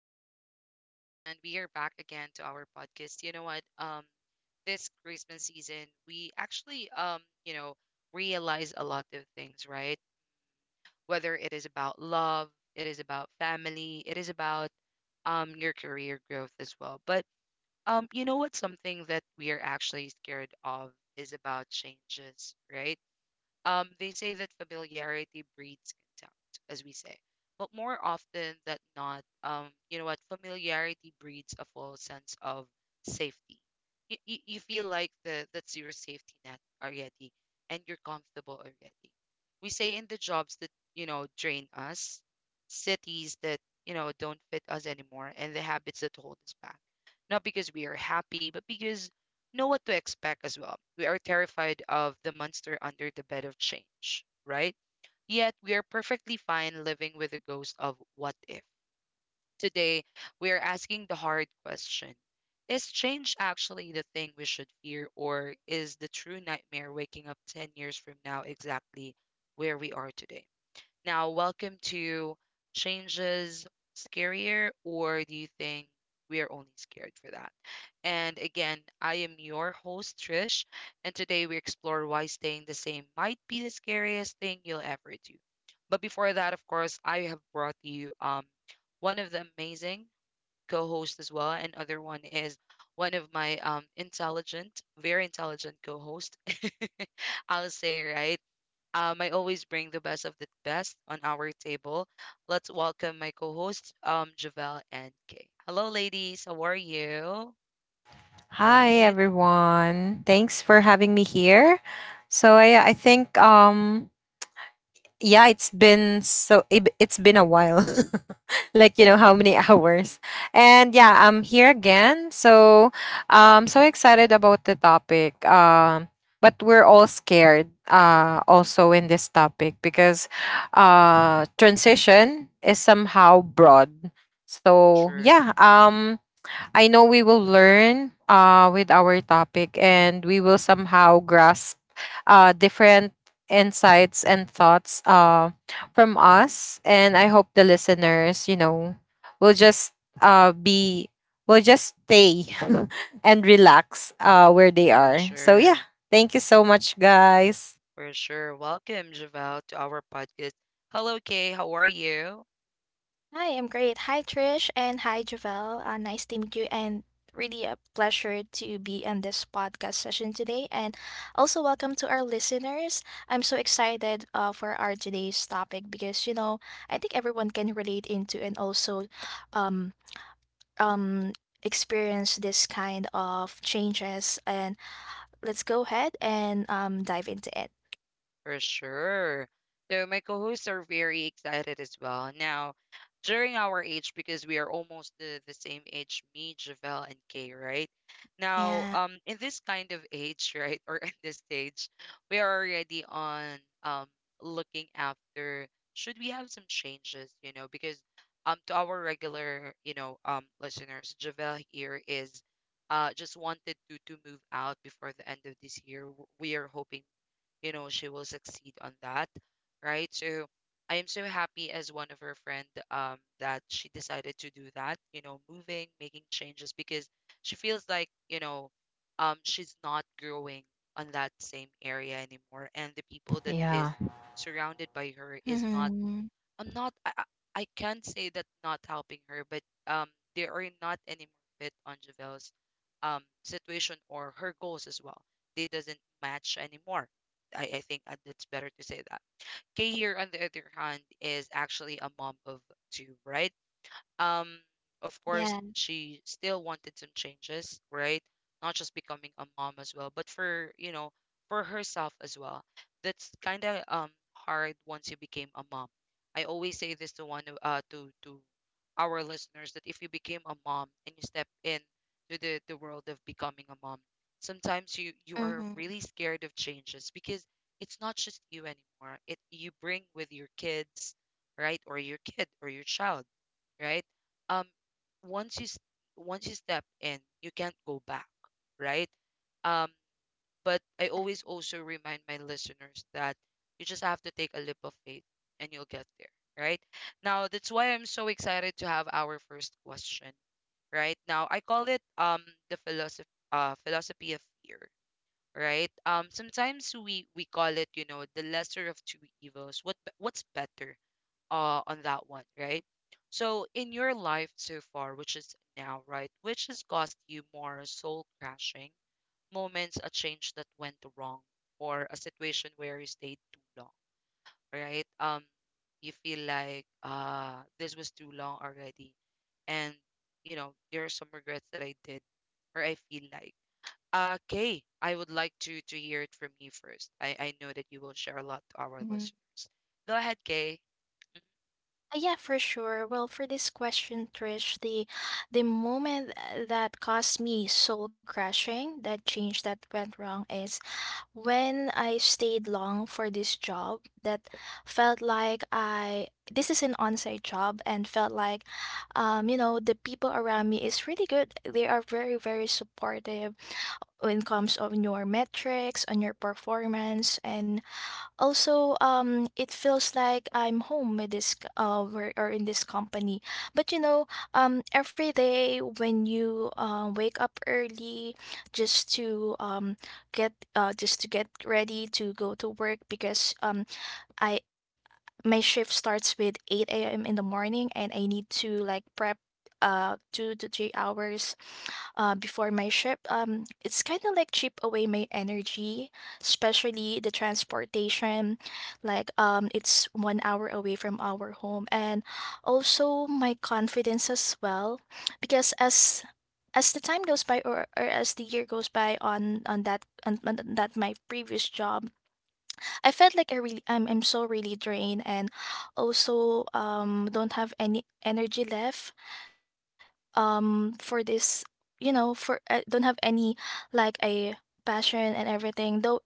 everyone, and we are back again to our podcast. You know what? This Christmas season, we actually, realize a lot of things, right? Whether it is about love, it is about family, it is about your career growth as well. But you know what? Something that we are actually scared of is about changes, right? They say that familiarity breeds contempt, as we say. But more often than not, you know what? Familiarity breeds a false sense of safety. You feel like the that's your safety net already, and you're comfortable already. We say in the jobs that you know drain us, cities that you know don't fit us anymore, and the habits that hold us back. Not because we are happy, but because know what to expect as well. We are terrified of the monster under the bed of change, right? Yet we are perfectly fine living with the ghost of what if. Today, we are asking the hard question. Is change actually the thing we should fear, or is the true nightmare waking up 10 years from now exactly where we are today? Now, welcome to changes scarier, or do you think we are only scared for that? And again, I am your host, Trish, and today we explore why staying the same might be the scariest thing you'll ever do. But before that, of course, I have brought you one of the amazing co-hosts as well, and other one is one of my intelligent, very intelligent co-host. I'll say, right? I always bring the best of the best on our table. Let's welcome my co-hosts, Javel and Kay. Hello, ladies. How are you? Hi Right? everyone. Thanks for having me here. So I think yeah, it's been it's been a while. Like how many Mm-mm, hours. And yeah, I'm here again. So so excited about the topic. But we're all scared also in this topic because transition is somehow broad. So sure, yeah, um I know we will learn with our topic, and we will somehow grasp different insights and thoughts uh,, from us. And I hope the listeners, will just uh, be, will just stay and relax where they for are. So, yeah. sure, Thank you so much, guys. for sure. Welcome, Javel, to our podcast. Hello, Kay. How are you? Hi, I'm great. Hi, Trish, and hi, Javel. Nice to meet you, and really a pleasure to be on this podcast session today. And also, welcome to our listeners. I'm so excited for our today's topic because I think everyone can relate into and also, um, um, experience this kind of changes. And let's go ahead and dive into it. For sure. So my co-hosts are very excited as well. Now, during our age, because we are almost the same age, me, Javel, and Kay, right? Now, Yeah. In this kind of age, right, or in this stage, we are already on um looking after should we have some changes, you know, because to our regular, you know, listeners, Javel here is just wanted to move out before the end of this year. We are hoping you know she will succeed on that, right. So I am so happy as one of her friend, that she decided to do that, you know, moving, making changes, because she feels like, you know, she's not growing on that same area anymore, and the people that Yeah. is surrounded by her is not. Mm-hmm. I'm not I, I I can't say that not helping her, but um they are not anymore fit on Javel's situation or her goals as well. They doesn't match anymore. I think it's better to say that. Kay here on the other hand is actually a mom of two, right? um of Yeah. course she still wanted some changes, right? Not just becoming a mom as well, but for you know, for herself as well. That's kind of hard once you became a mom. I always say this to one of- to our listeners that if you became a mom and you step in to the world of becoming a mom, sometimes you are Mm-hmm. really scared of changes, because it's not just you anymore, it you bring with your kids, right? Or your kid or your child, right? Um, once you once you step in, you can't go back, right? Um, but I always Exactly. also remind my listeners that you just have to take a leap of faith and you'll get there, right? Now that's why I'm so excited to have our first question, right? Now I call it the philosophy of fear, right? Sometimes we call it, you know, the lesser of two evils. What what's better on that one, right? So in your life so far, which is now, right, which has caused you more soul crashing moments? A change that went wrong, or a situation where you stayed too long, right? You feel like this was too long already, and you know there are some regrets that I did, or I feel like. Kay, I would like to hear it from you first. I know that you will share a lot to our Mm-hmm. listeners. Go ahead, Kay. Mhm. Yeah, for sure. Well, for this question, Trish, the moment that caused me soul crashing, that change that went wrong is when I stayed long for this job that felt like I this is an on-site job and felt like the people around me is really good. They are very, very supportive when it comes on your metrics, on your performance, and also, it feels like I'm home with this c- where, or in this company. But every day when you wake up early, just to um just to get ready to go to work because I my shift starts with 8 a.m. in the morning, and I need to like prep 2 to 3 hours before my trip. It's kind of like chip away my energy, especially the transportation. Like, it's one hour away from our home, and also my confidence as well, because as the time goes by, or as the year goes by on that my previous job, I felt like I'm so really drained and also don't have any energy left for this you know for I don't have any like a passion and everything, though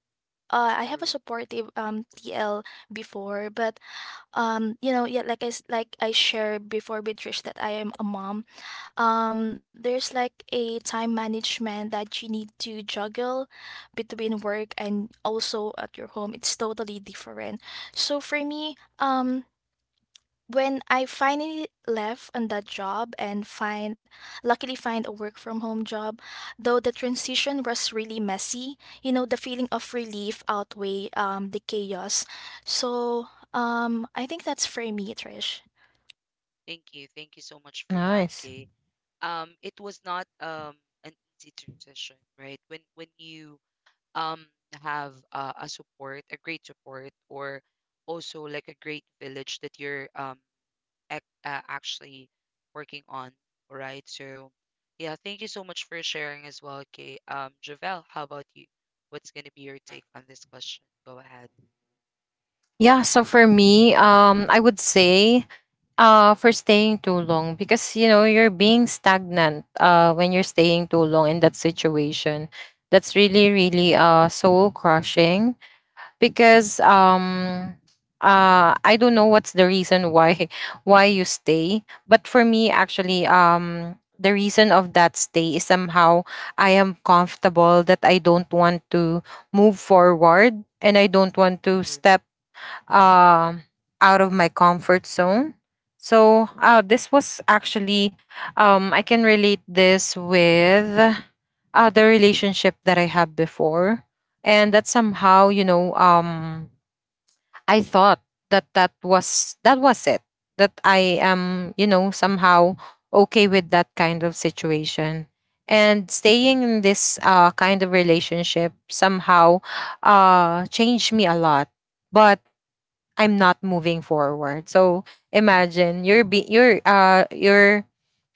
I have a True. supportive TL before, but like like I shared before with Trish that I am a mom. There's like a time management that you need to juggle between work and also at your home. It's totally different. So for me, when I finally left on that job and find luckily find a work from home job, though the transition was really messy, the feeling of relief outweigh the chaos. So I think that's for me, Trish. Thank you. Thank you so much for that, Nice. Kay. It was not an easy transition, right? When you um have a support, a great support, or also like a great village that you're actually working on, right? So, yeah, thank you so much for sharing as well, Kay. Javel, how about you? What's gonna be your take on this question? Go ahead. Yeah. So, for me, I would say for staying too long, because you know you're being stagnant when you're staying too long in that situation. That's really, really soul crushing, because I don't know what's the reason why why you stay. But for me, actually, the reason of that stay is somehow I am comfortable, that I don't want to move forward and I don't want to True. step um out of my comfort zone. So this was actually I can relate this with the relationship that I had before, and that somehow, you know, I thought that that was it that I am, you know, somehow okay with that kind of situation. And staying in this kind of relationship somehow changed me a lot. But I'm not moving forward. So imagine you're be you're uh you're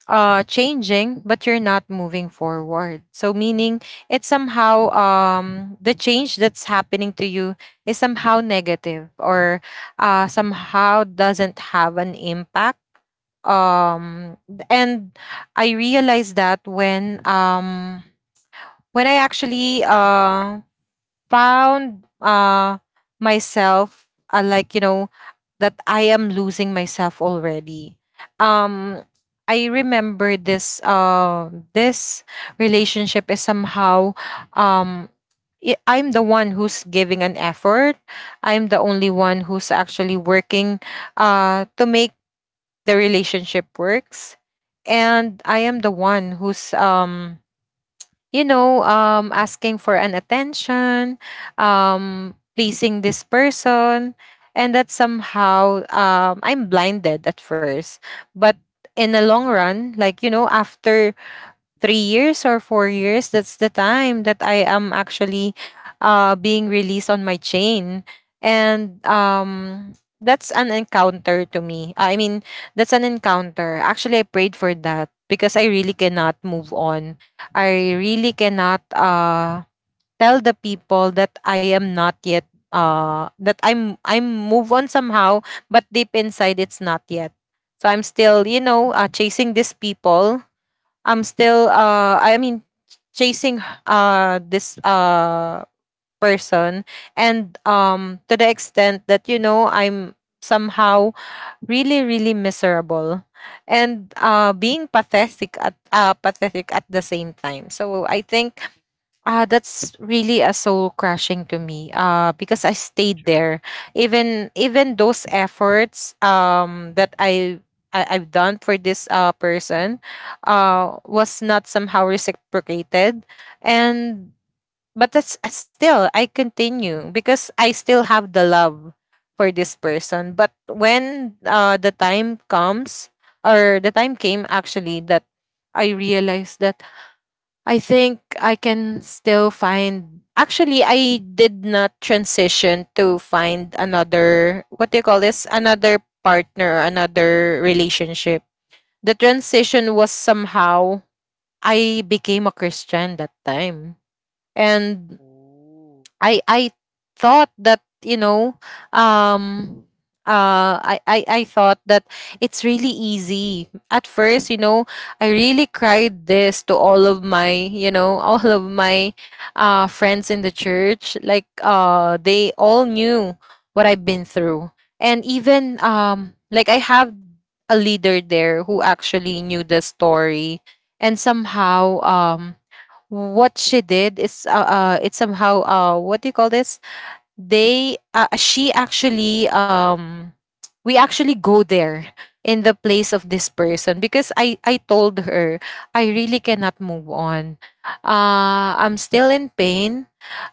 uh changing, but you're not moving forward. So meaning it's somehow the change that's happening to you is somehow negative, or somehow doesn't have an impact. Um and I realized that when when I actually found myself like you know, that I am losing myself already. Um I remember this relationship is somehow um I'm the one who's giving an effort. I'm the only Mm, one who's actually working to make the relationship works, and I am the one who's you know, asking for an attention, pleasing this person, and that somehow, I'm blinded at first. But in the long run, like you know, after 3 years or 4 years, that's the time that I am actually being released on my chain. And that's an encounter to me. I mean, that's an encounter. Actually, I prayed for that because I really mm, cannot move on. I really cannot tell the people that I am not yet that I'm move on somehow, but deep inside it's not yet. So I'm still, you true. know, chasing these people. I'm Mm, still uh I mean chasing this person, and to the extent that, you know, I'm somehow really, really miserable and being pathetic at the same time. So I think that's really a soul crushing to me. Because I stayed true. there, even even those efforts that I I've done for this person, was not somehow reciprocated, and but that's still I continue because I still have the love for this person. But when True. The time came, actually, that I realized that I think I can still find. Actually, I did not transition to find another, what do you call this? Another partner, another relationship. The transition was somehow I became a Christian that time. And Ooh. I thought that, you know, um I I thought that it's really easy. At first, you know, I really cried this to all of my, you know, all of my friends in the church. Like they all knew what I've been through. And even like I have a leader there who actually knew the story, and somehow what she did is it's somehow, uh, what do you call this, they she actually we actually go there in the place of this person, because I told her I really cannot move on, I'm still in pain.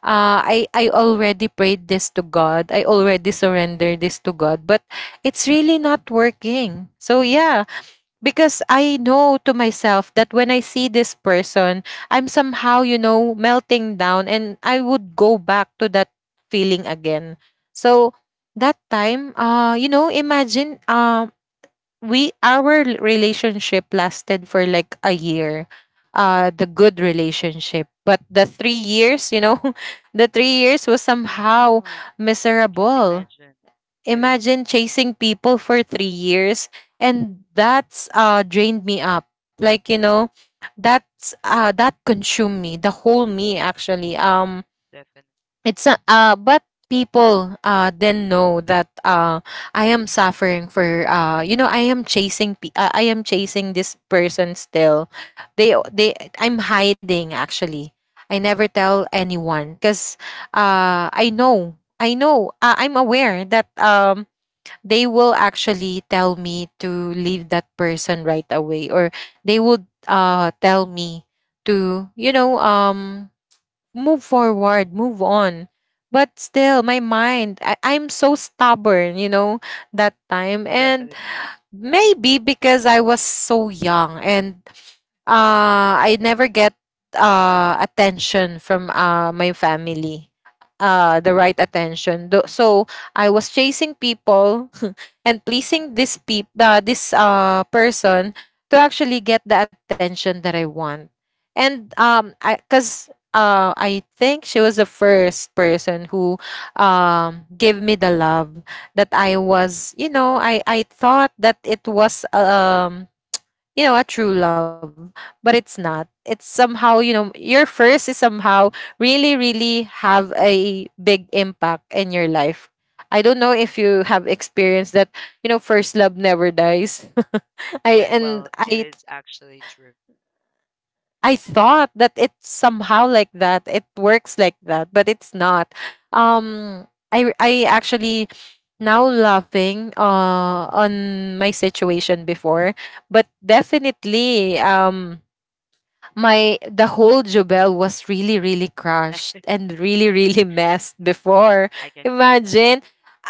I already prayed this to God, I already surrendered this to God, but it's really not working. So yeah, because I know to myself that when I see this person, I'm somehow, you know, melting down, and I would go back to that feeling again. So that time, you know, imagine, we our relationship lasted for like a year. The good relationship. But the 3 years, you know, the 3 years was somehow Yeah. Can't miserable. imagine. It is Imagine chasing people for 3 years, and that's drained me up. Like you know, that's that consumed me, the whole me actually. Definite, It's a, but people then know that I am suffering for, uh, you know, I am I am chasing this person still. They I'm hiding actually. I never tell anyone because I know I'm aware that they will actually tell me to leave that person right away, or they would tell me to, you know, move forward, move on. But still my mind, I'm so stubborn, you know, that time. And definitely. maybe because I was so young, and I never get attention from my family. Uh, the right attention. So I was chasing people and pleasing this person to actually get the attention that I want. And I think she was the first person who gave me the love that I was, you know, I thought that it was, you know, a true love, but it's not. It's somehow, you know, your first is somehow really, really have a big impact in your life. I don't know if you have experienced that, you know, first love never dies. I We- and Well, it I is actually true. I thought that it's somehow like that. It works like that, but it's not. Um I actually now laughing on my situation before, but definitely my the whole jubel was really, really crushed and really, really messed before. I can feel that. Imagine,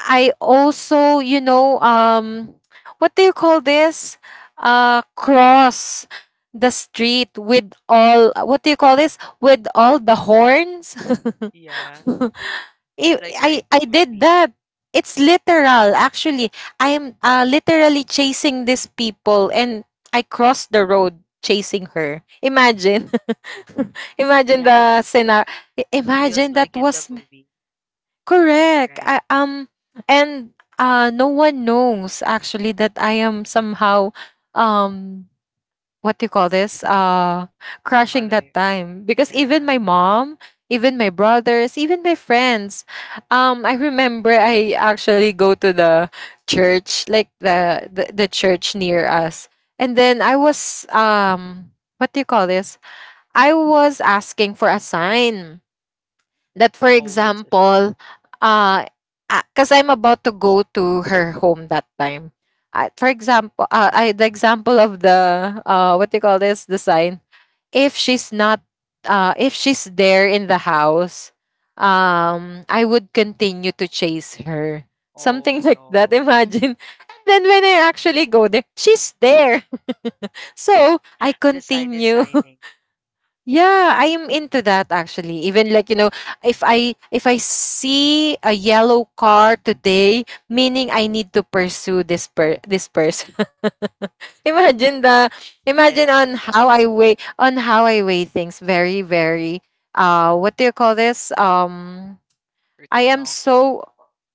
I also, you know, what do you call this, cross the street with all, what do you call this, with all the horns. Yeah, it's like you're in the I did movie. that. It's literal actually. I'm, literally chasing these people, and I crossed the road chasing her. Imagine. Imagine Yeah, it the scenario. feels Imagine like that in the was movie, correct. right? And no one knows actually that I am somehow um what do you call Mm, this, crashing that following. time, because even Yeah, my mom, even my brothers, even my friends, I remember I actually go to the church, like the church near us. And then I was, what do you call this, I was asking for a sign. That, for always a sign. example, uh because I'm about to go to her home that time for example, the example of the, uh, what do you call this, the sign, if she's not, if she's there in the house, I would continue to chase her, Oh something like no, that. Mm. Imagine, and then when I actually go there, she's there. So I the sign is continue. signing, Yeah, I am into that actually. Even like, you know, if I see a yellow car today, meaning I need to pursue this person. Imagine the and imagine it on showed up how I weigh, on how I weigh things very, very what do you call this? For I too am long. so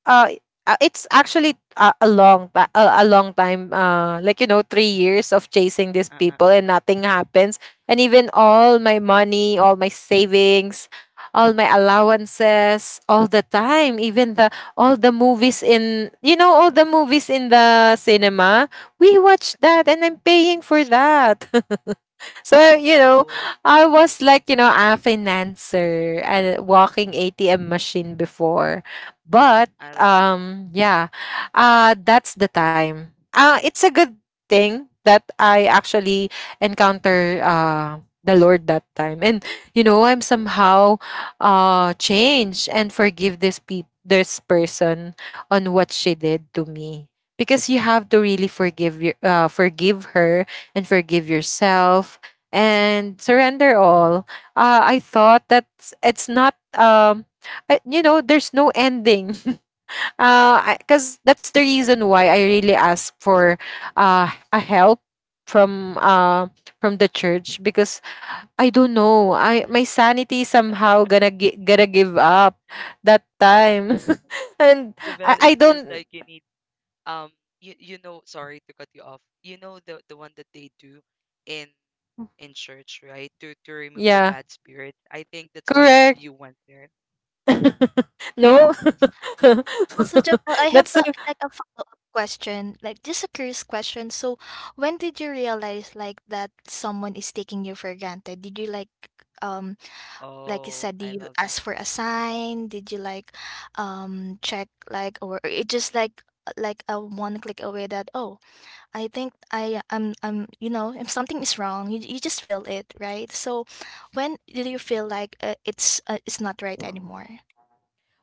uh it's actually a, a long time, like you know, 3 years of chasing these Uh uh people uh and uh. nothing happens. And even all my money, all my savings, all Oh my no. allowances, all the time, even the all the movies in, you know, all the movies in the cinema, we watch that and I'm paying for that. So, Oh you know, no. I was like, you know, a financer and walking ATM machine before. But I don't know. Yeah, that's the time. Uh, it's a good thing that I actually encounter the Lord that time. And you know, I'm somehow change and forgive this person on what she did to me. Because you have to really forgive your forgive her, and forgive yourself, and surrender all. I thought that it's not you know, there's no ending. Uh, because that's the reason why I really asked for a help from uh from the church, because I don't know, I my sanity somehow gonna give up that time. And Javel, i it i feels like don't. you need um you you know, sorry to cut you off, you know, the one that they do in church, right, to remove the bad Yeah, spirits. I think that's why you you correct. went there. No. Also, Jovel, I have That's so. Like a follow-up question, like just a curious question. So, when did you realize like that someone is taking you for granted? Did you like, um like you Oh, said, do I you love that. ask for a sign? Did you like, check, like, or it just like a one click away that, oh, I think I I'm you know if something is wrong, you just feel it, right? So when do you feel like it's not right anymore?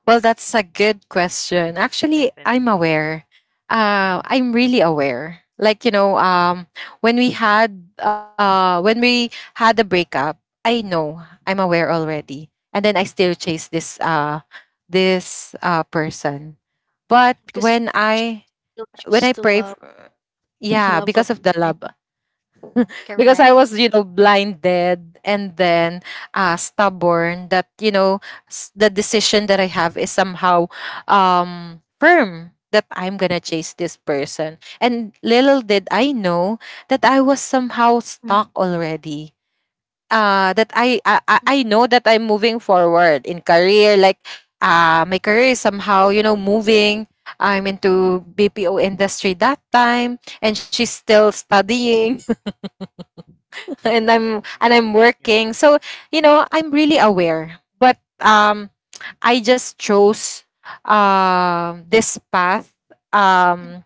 Well, that's a good question. Actually, I'm Definitely. aware. I'm really aware. When we had a breakup, I know I'm aware already, and then I still chase this person. But Because when choo- I you When I choose to pray, love. yeah, You love because over of the love, mind. because Correct. I was, you know, blinded and then stubborn that, you know, the decision that I have is somehow firm that I'm going to chase this person. And little did I know that I was somehow Mhm, stuck already. That mhm, I know that I'm moving forward in career. Like my career is somehow you know moving. I'm into BPO industry that time, and she's still studying. and Oh I'm my. and I'm Yeah. working. So, you know, I'm really aware. But I just chose this path mhm. um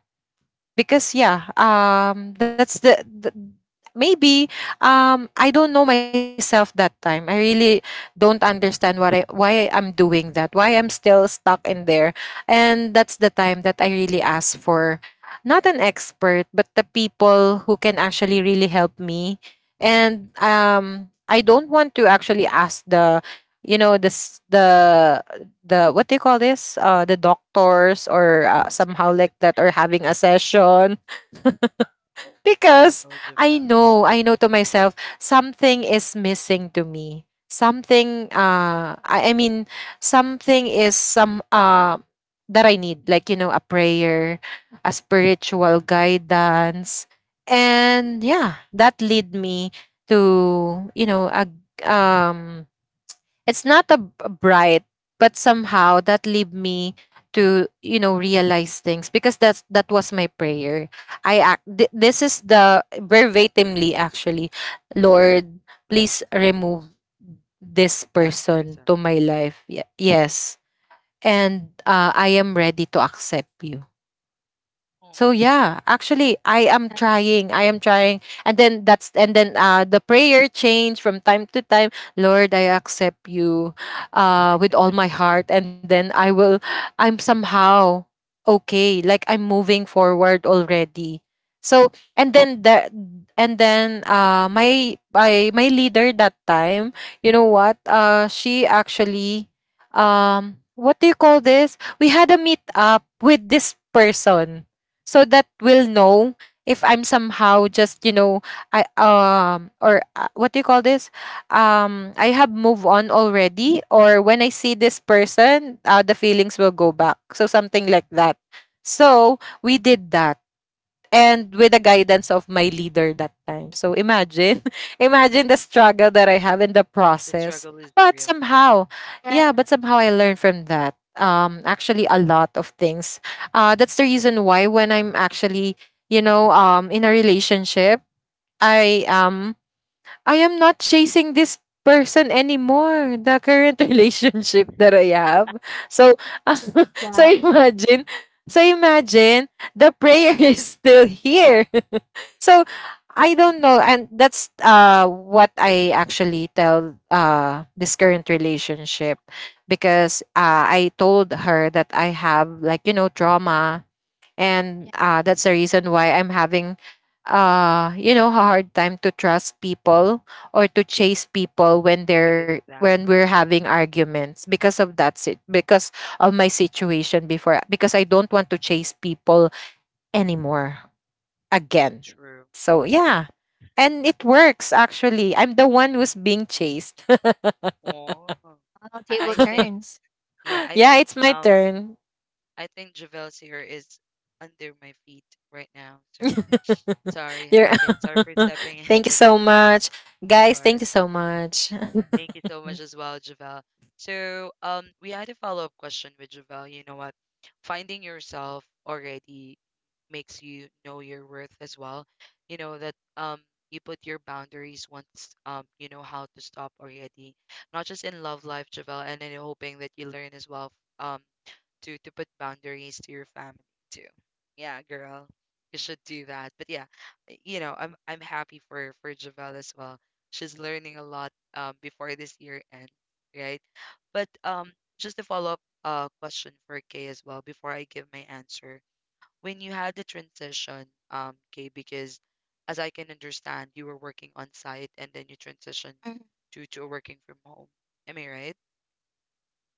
because yeah, that's the maybe, I don't know myself that time. I really don't understand what, I why I'm doing that, why I'm still stuck in there. And that's the time that I really ask for, not an expert, but the people who can actually really help me. And I don't want to actually ask you know this the the, what do you call this? The doctors or somehow like that, or having a Mm. session. Oh Because no, I Javel. know, I know to myself something is missing to me. Something I mean, something is some that I need, like you know, a prayer, a spiritual guidance. And yeah, that lead me to, you know, a um it's not bright, but somehow that lead me to, you know, realize things, because that was my prayer. This is the verbatimly, actually, Lord, please remove this That person person. to my life. Yes, and I am ready to accept you. Oh, So yeah, actually That's I am it's- trying. I am trying. And then the prayer change from time to time. Lord, I accept you with all my heart, and then I will, I'm somehow okay. Like, I'm moving forward already. So and then my leader that time, you know what? She actually, what do you call this? We had a meet up with this person so that we'll know if I'm somehow just, you know, I or what do you call this, I have moved on already, or when I see this person, the feelings will go back, so something like that. So we did that, and with the guidance of my leader that time. So imagine, imagine the struggle that I have in the the process. struggle is But real. somehow, yeah, but somehow I learned from that. Actually, a lot of things. That's the reason why when I'm actually, you know, in a relationship, Mm, I am I am not chasing this person anymore, the current relationship that I have. So, loud. so imagine, so imagine the prayer is still here. So, I don't know. And that's what I actually tell this current relationship, because I told her that I have, like, you know, trauma, and Yeah, that's the reason why I'm having you know, a hard time to trust people, or to chase people when because they're of that. when we're having arguments, because of Mm, that sit because of my situation before, because I don't want to chase people anymore, again. true. So Like, yeah, and it works. Actually I'm the one who's being chased. oh. Table I think, turns. yeah, Yeah, it's my turn. I think Javel's here is under my feet right now. So sorry. You're Okay, sorry for stepping in thank you for so that. much. Of Guys, thank course. you so much. Thank you so much as well, Javel. So, we had a follow-up question with Javel. You know what? Finding yourself already makes you know your worth as well. You know that you put your boundaries once you know how to stop already. Not just in love life, Javel, and then hoping that you learn as well um to put boundaries to your family too. Yeah, girl, you should do that. But yeah, you know, I'm happy for Javel as well. She's learning a lot, before this year ends, right? But just a follow up question for Kay as well before I give my answer. When you had the transition, Kay, because as I can understand, you were working on site and then you transitioned Mhm. to working from home. Am I right?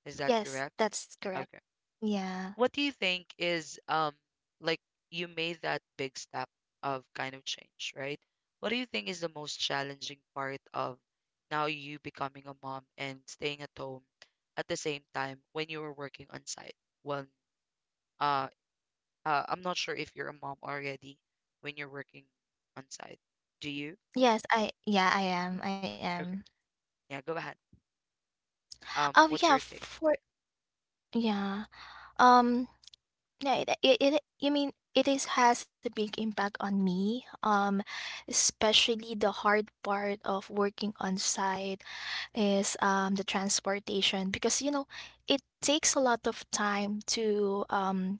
Is that Yes, correct? that's correct. Okay. Yeah. What do you think is like you made that big step of kind of change, right? What do you think is the most challenging part of now you becoming a mom and staying at home at the same time when you were working on site? Well, uh, I'm not sure if you're a mom already when you're working on site. Do you? Yes, I yeah, I am, Mm, I am. okay. Yeah, go ahead. Oh What's yeah, your take? for yeah. Um, yeah, it, you mean it is has a big impact on me. Especially the hard part of working on site is the transportation, because it Mm, mm, takes a lot of time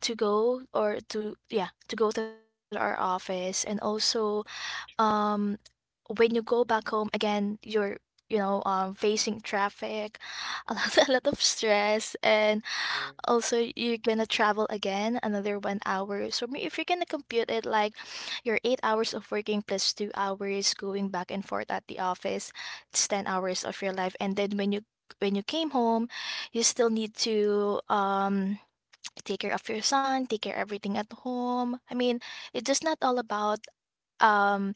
to go or to yeah to go to our office, and also true, um when you go back home again, you're, facing traffic, a lot of stress, and true. also you're gonna travel again another one hour. So if you're gonna compute it like your 8 hours of working plus 2 hours going back and forth at the office, it's 10 hours of your life. And then when you came home, you still need to take care of your son, take care of everything at home. I mean, it's just not all about um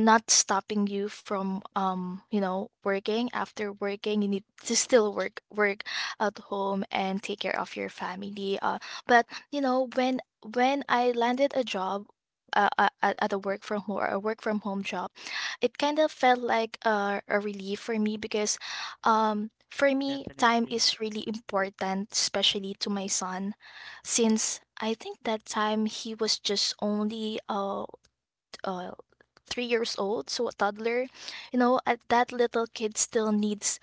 not stopping you from working. Mm, After working, you need to still work at home and take care of your family, but when I landed a job, mm, at a work from home, or a work from home job, it kind of felt like a relief for me, because for me, time definitely, is really important, especially to my son, since I think that time he was just only uh 3 years old, so a toddler. That little kid still needs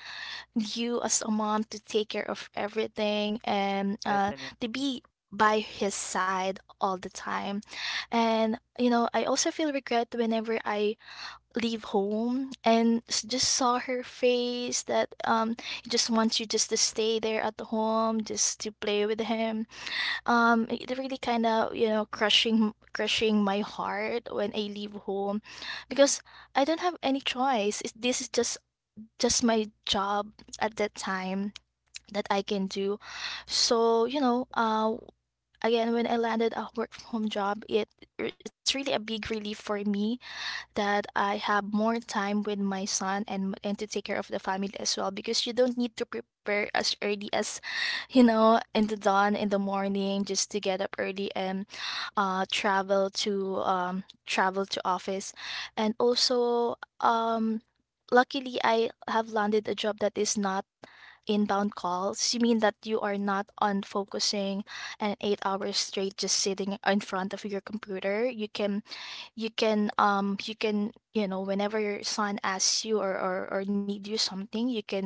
you as a mom to take care of everything, and definitely. to Mm, be by his side all the time. And, I also feel regret whenever I leave home and just saw her face, that, he just wants you just to stay there at the home, just to play with him. It really kind of, crushing my heart when I leave home, because I don't have any choice. This is just my job at that time that I can do. So, again, when I landed a work from home job, it's really a big relief for me that I have more time with my son, and to take care of the family as well, because you don't need to prepare as early as in the dawn mm, in the morning, just to get up early, and travel to office. And also um luckily I have landed a job that is not inbound calls, you mean that you are not on focusing an 8 hours straight just sitting in front of your computer. You can you can you can you know whenever your son asks you, or need you something,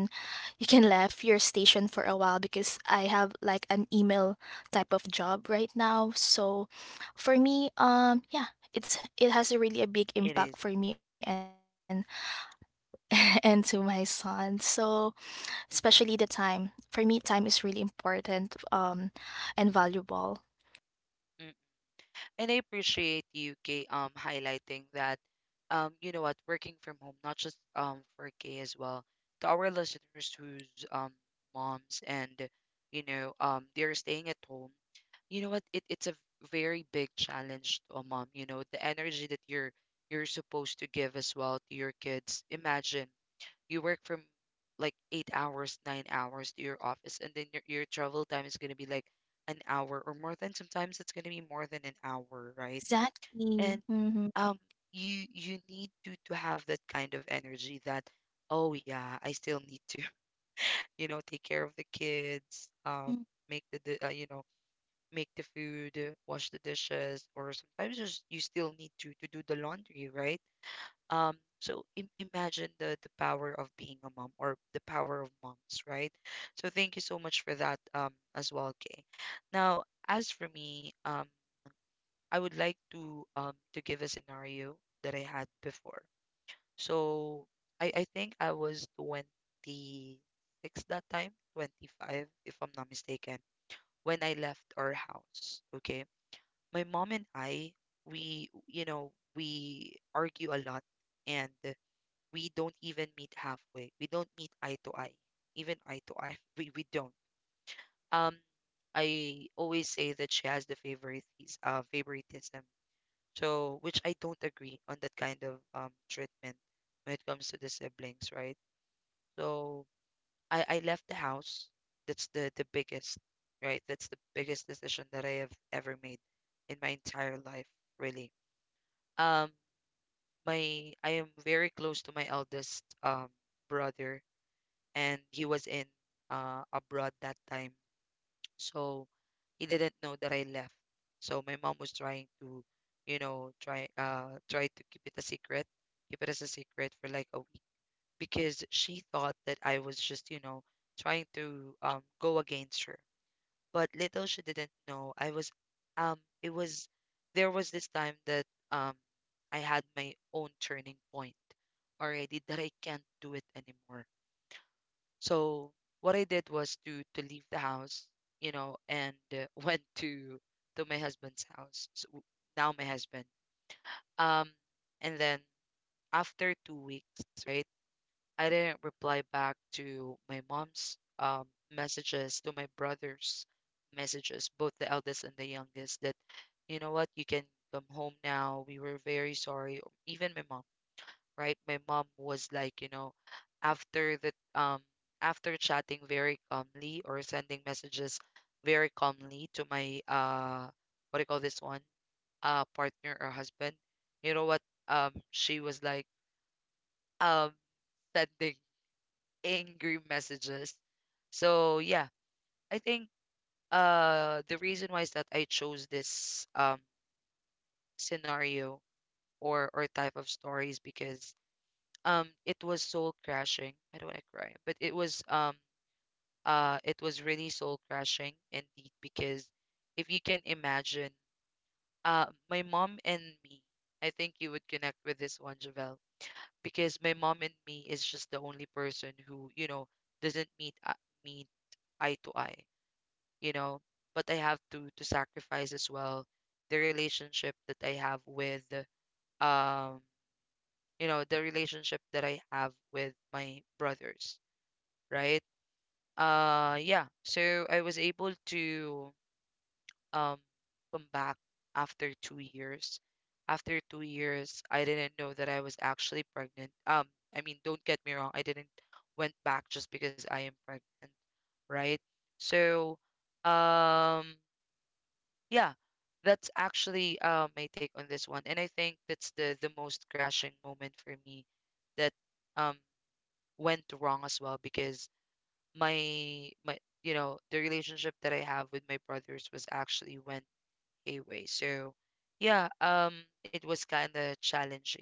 you can left your station for a while, because I have like an email type of job right now. So for me, yeah, it has a really a big it impact is. for me and and to my son. So especially the time, for me time is really important, and valuable. Mm. And I appreciate you, Kay, highlighting that, you know what, working from home, not just for Kay as well, to our listeners who's moms and, you know, they're staying at home. You know what, it's a very big challenge to a mom. You know, the energy that you're supposed to give as well to your kids. Imagine you work from like 8 hours, 9 hours to your office, and then your travel time is going to be like an hour or more than, sometimes it's going to be more than an hour, right? Exactly. And Mm-hmm. um you need to have that kind of energy that, oh yeah, I still need to you know, take care of the kids, you know, make the food, wash the dishes, or sometimes just you still need to do the laundry, right? So im imagine the power of being a mom, or the power of moms, right? So thank you so much for that as well, Kay. Now, as for me, I would like to give a scenario that I had before. So I think I was 26 that time, 25 if I'm not mistaken, when I left our house, okay? My mom and I, we, you know, we argue a lot, and we don't even meet halfway. We don't meet eye to eye, even eye to eye. We don't. Um, I always say that she has the favorite favoritism. So, which I don't agree on that kind of treatment when it comes to the siblings, right? So I left the house. That's the biggest, right? That's the biggest decision that I have ever made in my entire life, really. Um, my I am very close to my eldest brother and he was in abroad that time. So he didn't know that I left. So my mom was trying to, you know, try to keep it a secret, keep it as a secret for like a week because she thought that I was just, you know, trying to go against her. But little she didn't know, I was it was there was this time that um I had my own turning point already that I can't do it anymore. So what I did was to leave the house, you know, and went to my husband's house. So, now my husband. Um, and then after 2 weeks, right, I didn't reply back to my mom's messages, to my brother's messages, both the eldest and the youngest. That you know what, you can come home now. We were very sorry. Or even my mom, right? My mom was like, you know, after the um after chatting very calmly or sending messages very calmly to my what do you call this one? Uh, partner or husband. You know what? She was like um sending angry messages. So yeah, I think the reason why is that I chose this scenario or type of stories because it was soul crashing. I don't want to cry, but it was really soul crashing indeed because if you can imagine, my mom and me, I think you would connect with this one, Javel, because my mom and me is just the only person who, you know, doesn't meet eye to eye, you know. But I have to sacrifice as well the relationship that I have with um you know, the relationship that I have with my brothers, right? Yeah. So I was able to um come back after 2 years. After 2 years, I didn't know that I was actually pregnant. I mean, don't get me wrong, I didn't went back just because I am pregnant, right? So, um, yeah, that's actually my take on this one, and I think that's the most crashing moment for me that um went wrong as well because my you know, the relationship that I have with my brothers was actually went away. So yeah, it was kind of challenging,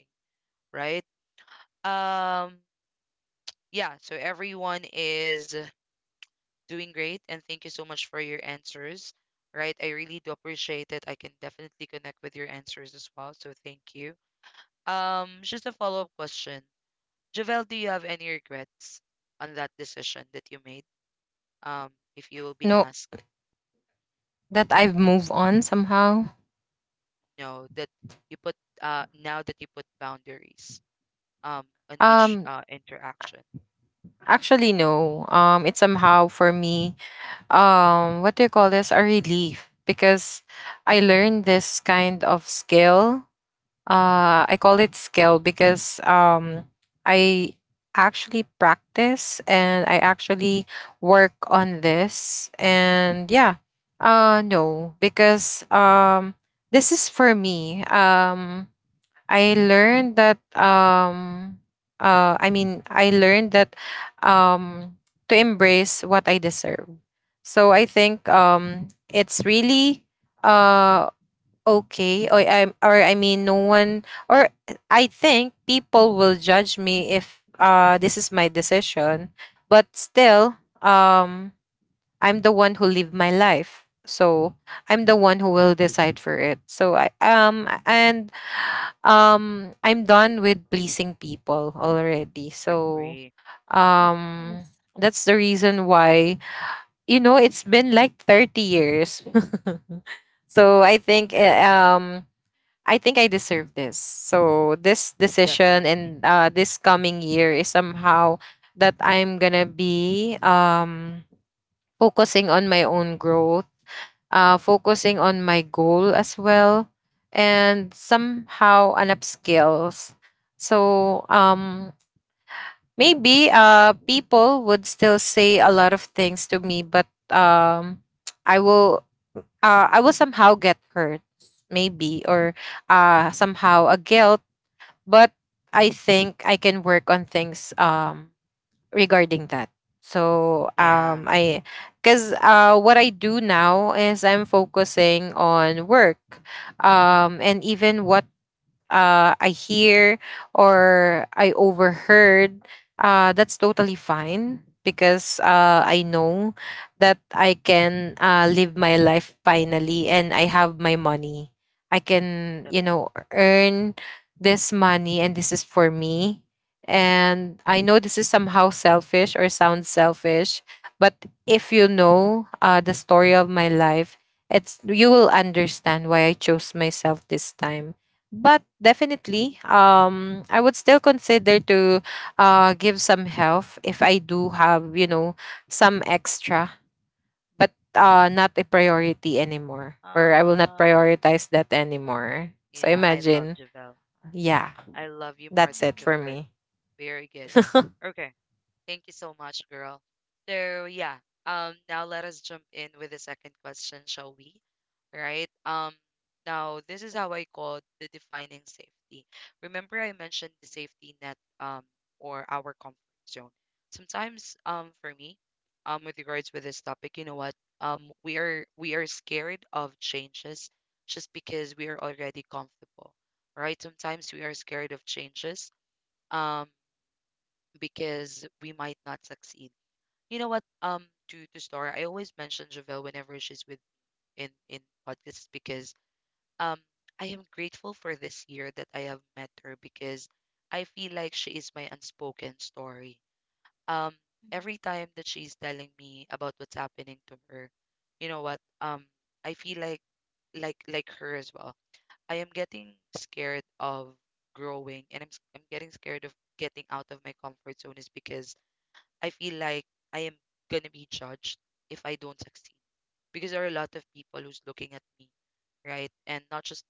right? Um yeah, so everyone is doing great and thank you so much for your answers. Right? I really do appreciate it. I can definitely connect with your answers as well. So thank you. Um, just a follow-up question. Javel, do you have any regrets on that decision that you made? Um, if you will be No, asked. that I've moved on somehow. Know that you put now that you put boundaries on each Um interaction. Actually, no. It's somehow for me, what do you call this, a relief, because I learned this kind of skill. I call it skill because I actually practice, and I actually work on this. And yeah, no, because this is for me. I learned that um I mean, I learned that um to embrace what I deserve. So I think it's really uh okay. Or I mean, no one. Or I think people will judge me if this is my decision, but still, I'm the one who live my life. So I'm the one who will decide for it. So I'm done with pleasing people already. So, Agree. um Nice. that's the reason why, you know, it's been like 30 years. So I think, Great. eh, I think I deserve this. So this decision, Definitely. and this coming year is somehow that I'm gonna be focusing on my own growth, focusing on my goal as well, and somehow an up. So maybe people would still say a lot of things to me, but I will I will somehow get hurt, maybe, or somehow a guilt. But I think I can work on things. Regarding that. So Yeah, I cuz what I do now is I'm focusing on work, and even what I hear, or I overheard, that's totally fine, because I know that I can, live my life finally, and I have my money. I can, you definitely. know, earn this money, and this is for me. And I know this is somehow selfish, or sounds selfish, but if you know the story of my life, it's you will understand why I chose myself this time. But definitely, I would still consider to give some help if I do have, you know, some extra. But not a priority anymore, or I will not Ah, prioritize that anymore. So yeah, I love imagine. Javel. Yeah, I love you more that's than Mhm, it the for first. me. Very good. Okay. Thank you so much, girl. So yeah, now let us jump in with the second question, shall we? Right. Now this is how I call the defining safety. Remember, I mentioned the safety net, or our comfort zone. Sometimes, for me, with regards with this topic, you know what? Um, we are scared of changes just because we are already comfortable, right? Sometimes we are scared of changes, um, because we might not succeed. You know what? To Star, I always mention Javelle whenever she's with in podcasts because um I am grateful for this year that I have met her because I feel like she is my unspoken story. Um, every time that she's telling me about what's happening to her, you know what? I feel like like her as well. I am getting scared of growing, and I'm getting scared of getting out of my comfort zone is because I feel like I am gonna be judged if I don't succeed because there are a lot of people who's looking at me, right? And not just,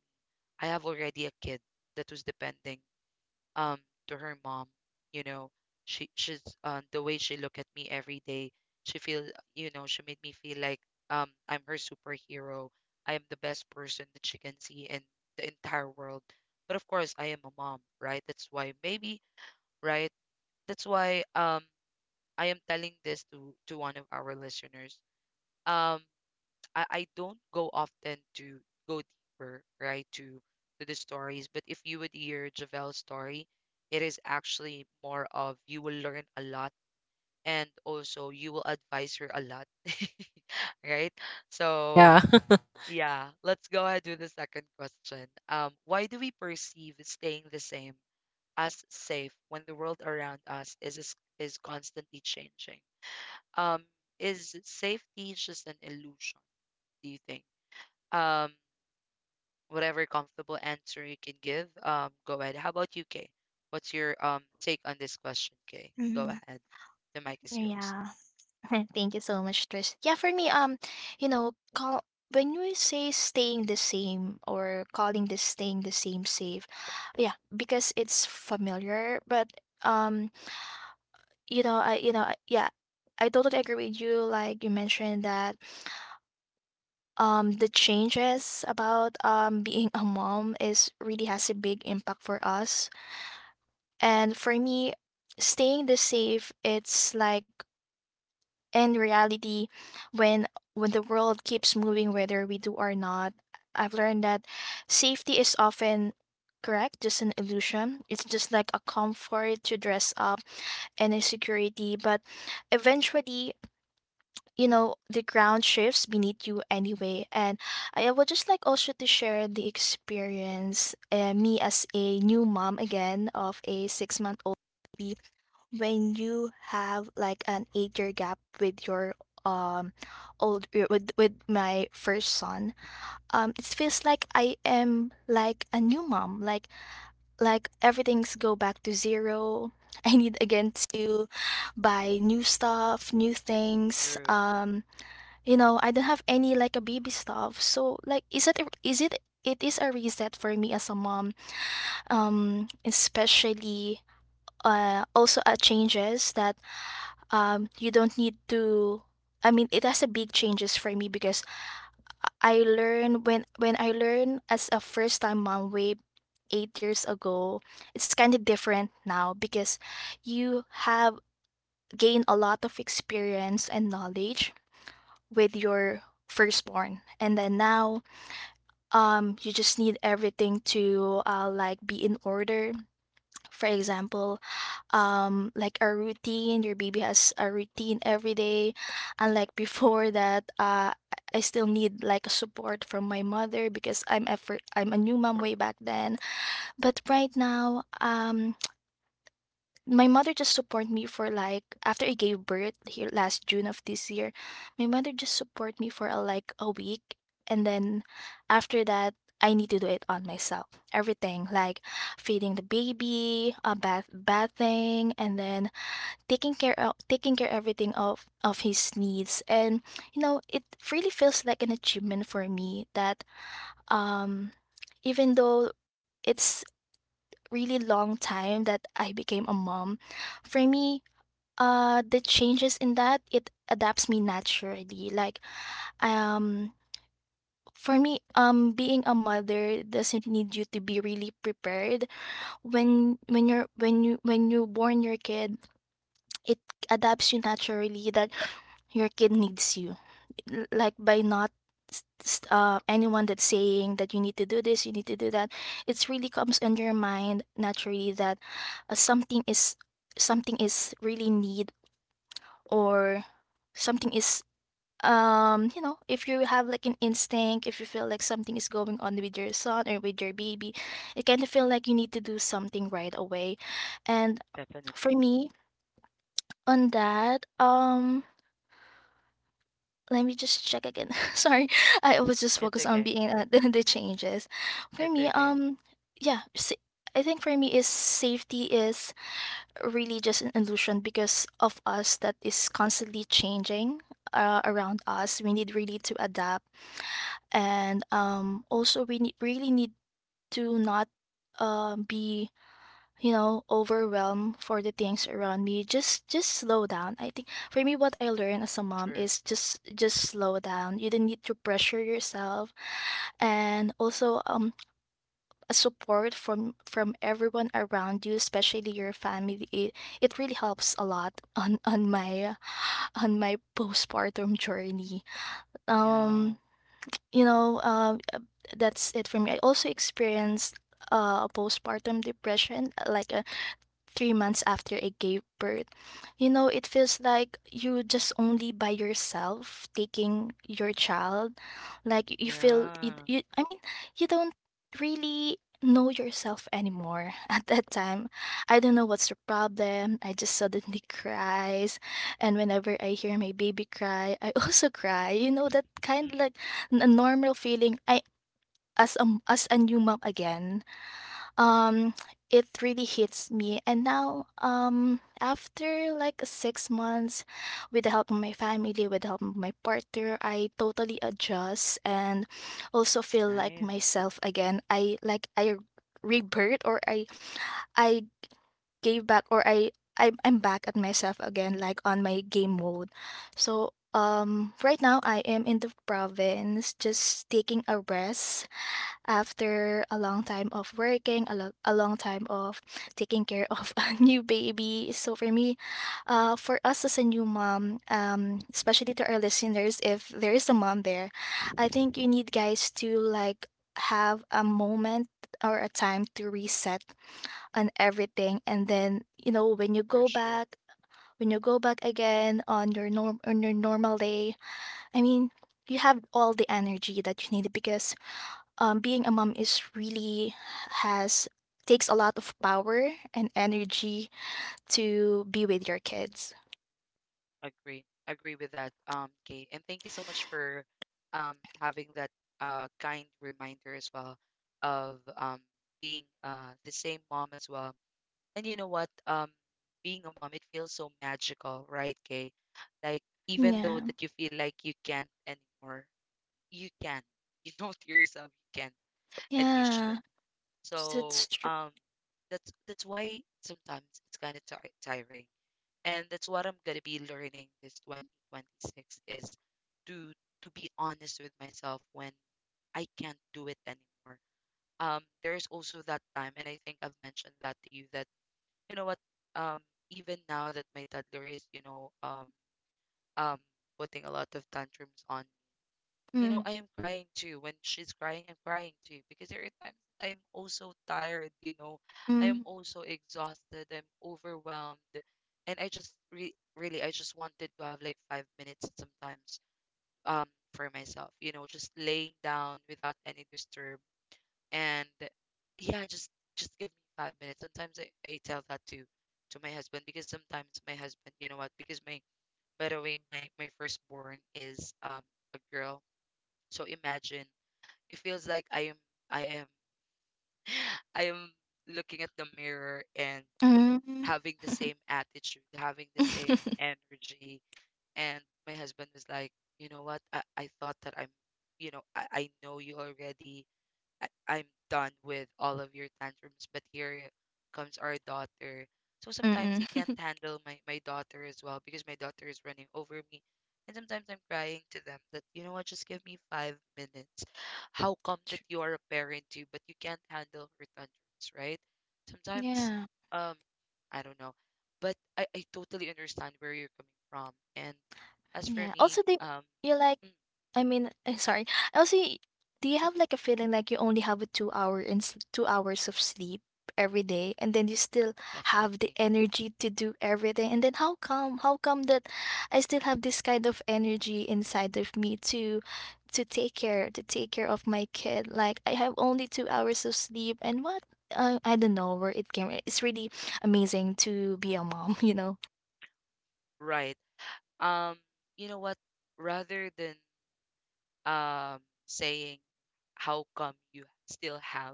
I have already a kid that was depending um to her mom. You know, she she's the way she look at me every day, she feel, you know, she made me feel like I'm her superhero. I am the best person that she can see in the entire world. But of course, I am a mom, right? That's why maybe, right, that's why I am telling this to one of our listeners. Um, I don't go often to go deeper, right, to the stories. But if you would hear Javel's story, it is actually more of you will learn a lot and also you will advise her a lot, right? So Yeah. yeah, let's go ahead with the second question. Why do we perceive staying the same as safe when the world around us is constantly changing? Um, is safety just an illusion, do you think? Um, whatever comfortable answer you can give, go ahead. How about you, Kay? What's your take on this question, Kay? mhm, Go mhm. ahead. The mic is yours. Yeah. Thank you so much, Tris. Yeah, for me, call when we say staying the same, or calling this staying the same safe, yeah, because it's familiar. But um, yeah, I totally agree with you. Like you mentioned that the changes about being a mom is really has a big impact for us. And for me, staying the safe, it's like in reality, when the world keeps moving, whether we do or not. I've learned that safety is often, correct, just an illusion. It's just like a comfort to dress up and a security. But eventually, the ground shifts beneath you anyway. And I would just like also to share the experience, me as a new mom again of a 6-month old baby. When you have like an 8-year gap with your um old with my first son, it feels like I am like a new mom, like everything's go back to zero. I need again to buy new stuff, new things. True. I don't have any like a baby stuff. So like is it it is a reset for me as a mom. Especially, also changes that you don't need to I mean, it has a big changes for me, because I learn when I learn as a first time mom way 8 years ago, it's kind of different now, because you have gained a lot of experience and knowledge with your firstborn. And then now, you just need everything to like be in order. For example, like a routine, your baby has a routine every day. Unlike before that, I still need like a support from my mother, because I'm a new mom way back then. But right now, my mother just support me for like, after I gave birth here last June of this year. My mother just support me for like a week, and then after that I need to do it on myself. Everything like feeding the baby, bathing, and then taking care everything of his needs. And it really feels like an achievement for me, that um even though it's really long time that I became a mom, for me, the changes in that it adapts me naturally. Like um for me, being a mother doesn't need you to be really prepared when you born your kid. It adapts you naturally, that your kid needs you. Like by not anyone that's saying that you need to do this, you need to do that. It's really comes in your mind naturally that something is, something is really need, or something is, you know, if you have like an instinct, if you feel like something is going on with your son or with your baby, it kind of feel like you need to do something right away. And Definitely. for me, on that, let me just check again. Sorry, I was just It's focused on okay. being at the changes for It's me. okay. , yeah, I think for me is safety is really just an illusion, because of us that is constantly changing around us. We need really to adapt, and also we need, really need to not be, you know, overwhelmed for the things around me. Just slow down. I think for me what I learned as a mom True. is just slow down. You don't need to pressure yourself. And also a support from everyone around you, especially your family, it really helps a lot on my, on my postpartum journey. Yeah. Um, you know, uh, that's it for me. I also experienced postpartum depression, like 3 months after I gave birth. You know, it feels like you just only by yourself taking your child. Like you feel you, Yeah. I mean, you don't really know yourself anymore at that time. I don't know what's the problem. I just suddenly cries, and whenever I hear my baby cry, I also cry. You know, that kind Mm, of like a normal feeling. I as a, as a new mom again, mm, um, it really hits me. And now, after like 6 months, with the help of my family, with the help of my partner, I totally adjust and also it's feel like nice. myself again. I like I rebirth, or I gave back, or I'm back at myself again, like on my game mode. So right now I am in the province just taking a rest after a long time of working, a, a long time of taking care of a new baby. So for me, for us as a new mom, especially to our listeners, if there is a mom there, I think you need guys to like have a moment or a time to reset on everything, and then you know when you For go sure. back. When you go back again on your norm on your normal day, I mean, you have all the energy that you need, because being a mom is really has takes a lot of power and energy to be with your kids. Agree. Agree with that, Kate. And thank you so much for um having that kind reminder as well of being the same mom as well. And you know what? Um, being a mom, it feels so magical, right, Kay? Like even though Yeah, that you feel like you can't anymore, you can. You know to yourself you can and you should. yeah, that's So true. um, that's why sometimes it's kind of ti tiring, and that's what I'm gonna be learning this 2026 is to to be honest with myself when I can't do it anymore. There's also that time, and I think I've mentioned that to you that you know what, um, even now that my toddler is, you know, um putting a lot of tantrums on, you know, Mm, I am crying too. When she's crying, I'm crying too. Because there are times I am also tired, you know. I am mm, also exhausted. I'm overwhelmed. And I just re really, I just wanted to have like 5 minutes sometimes um for myself, you know, just laying down without any disturb. And yeah, just give me 5 minutes. Sometimes I tell that to my husband because sometimes my husband, you know what, because my, by the way, my firstborn is a girl. So imagine, it feels like I am I am looking at the mirror and mm. having the same attitude, having the same energy. And my husband was like, you know what? I thought that I'm, you know, I know you already. I'm done with all of your tantrums, but here comes our daughter. So sometimes Mm-mm. he can't handle my daughter as well because my daughter is running over me. And sometimes I'm crying to them that, you know what, just give me 5 minutes. How come that True. you are a parent too, but you can't handle her tantrums, right? Sometimes, Yeah, um, I don't know. But I totally understand where you're coming from. And as for yeah. Also, me, they you like mm, I mean, I'm sorry. Also, do you it's have okay. like a feeling like you only have a 2 hours of sleep every day, and then you still have the Definitely. energy to do everything? And then how come? How come that I still have this kind of energy inside of me to to take care of my kid? Like I have only 2 hours of sleep, and what? I don't know where it came. It's really amazing to be a mom, you know. Right. Um, you know what, rather than um saying, how come you still have,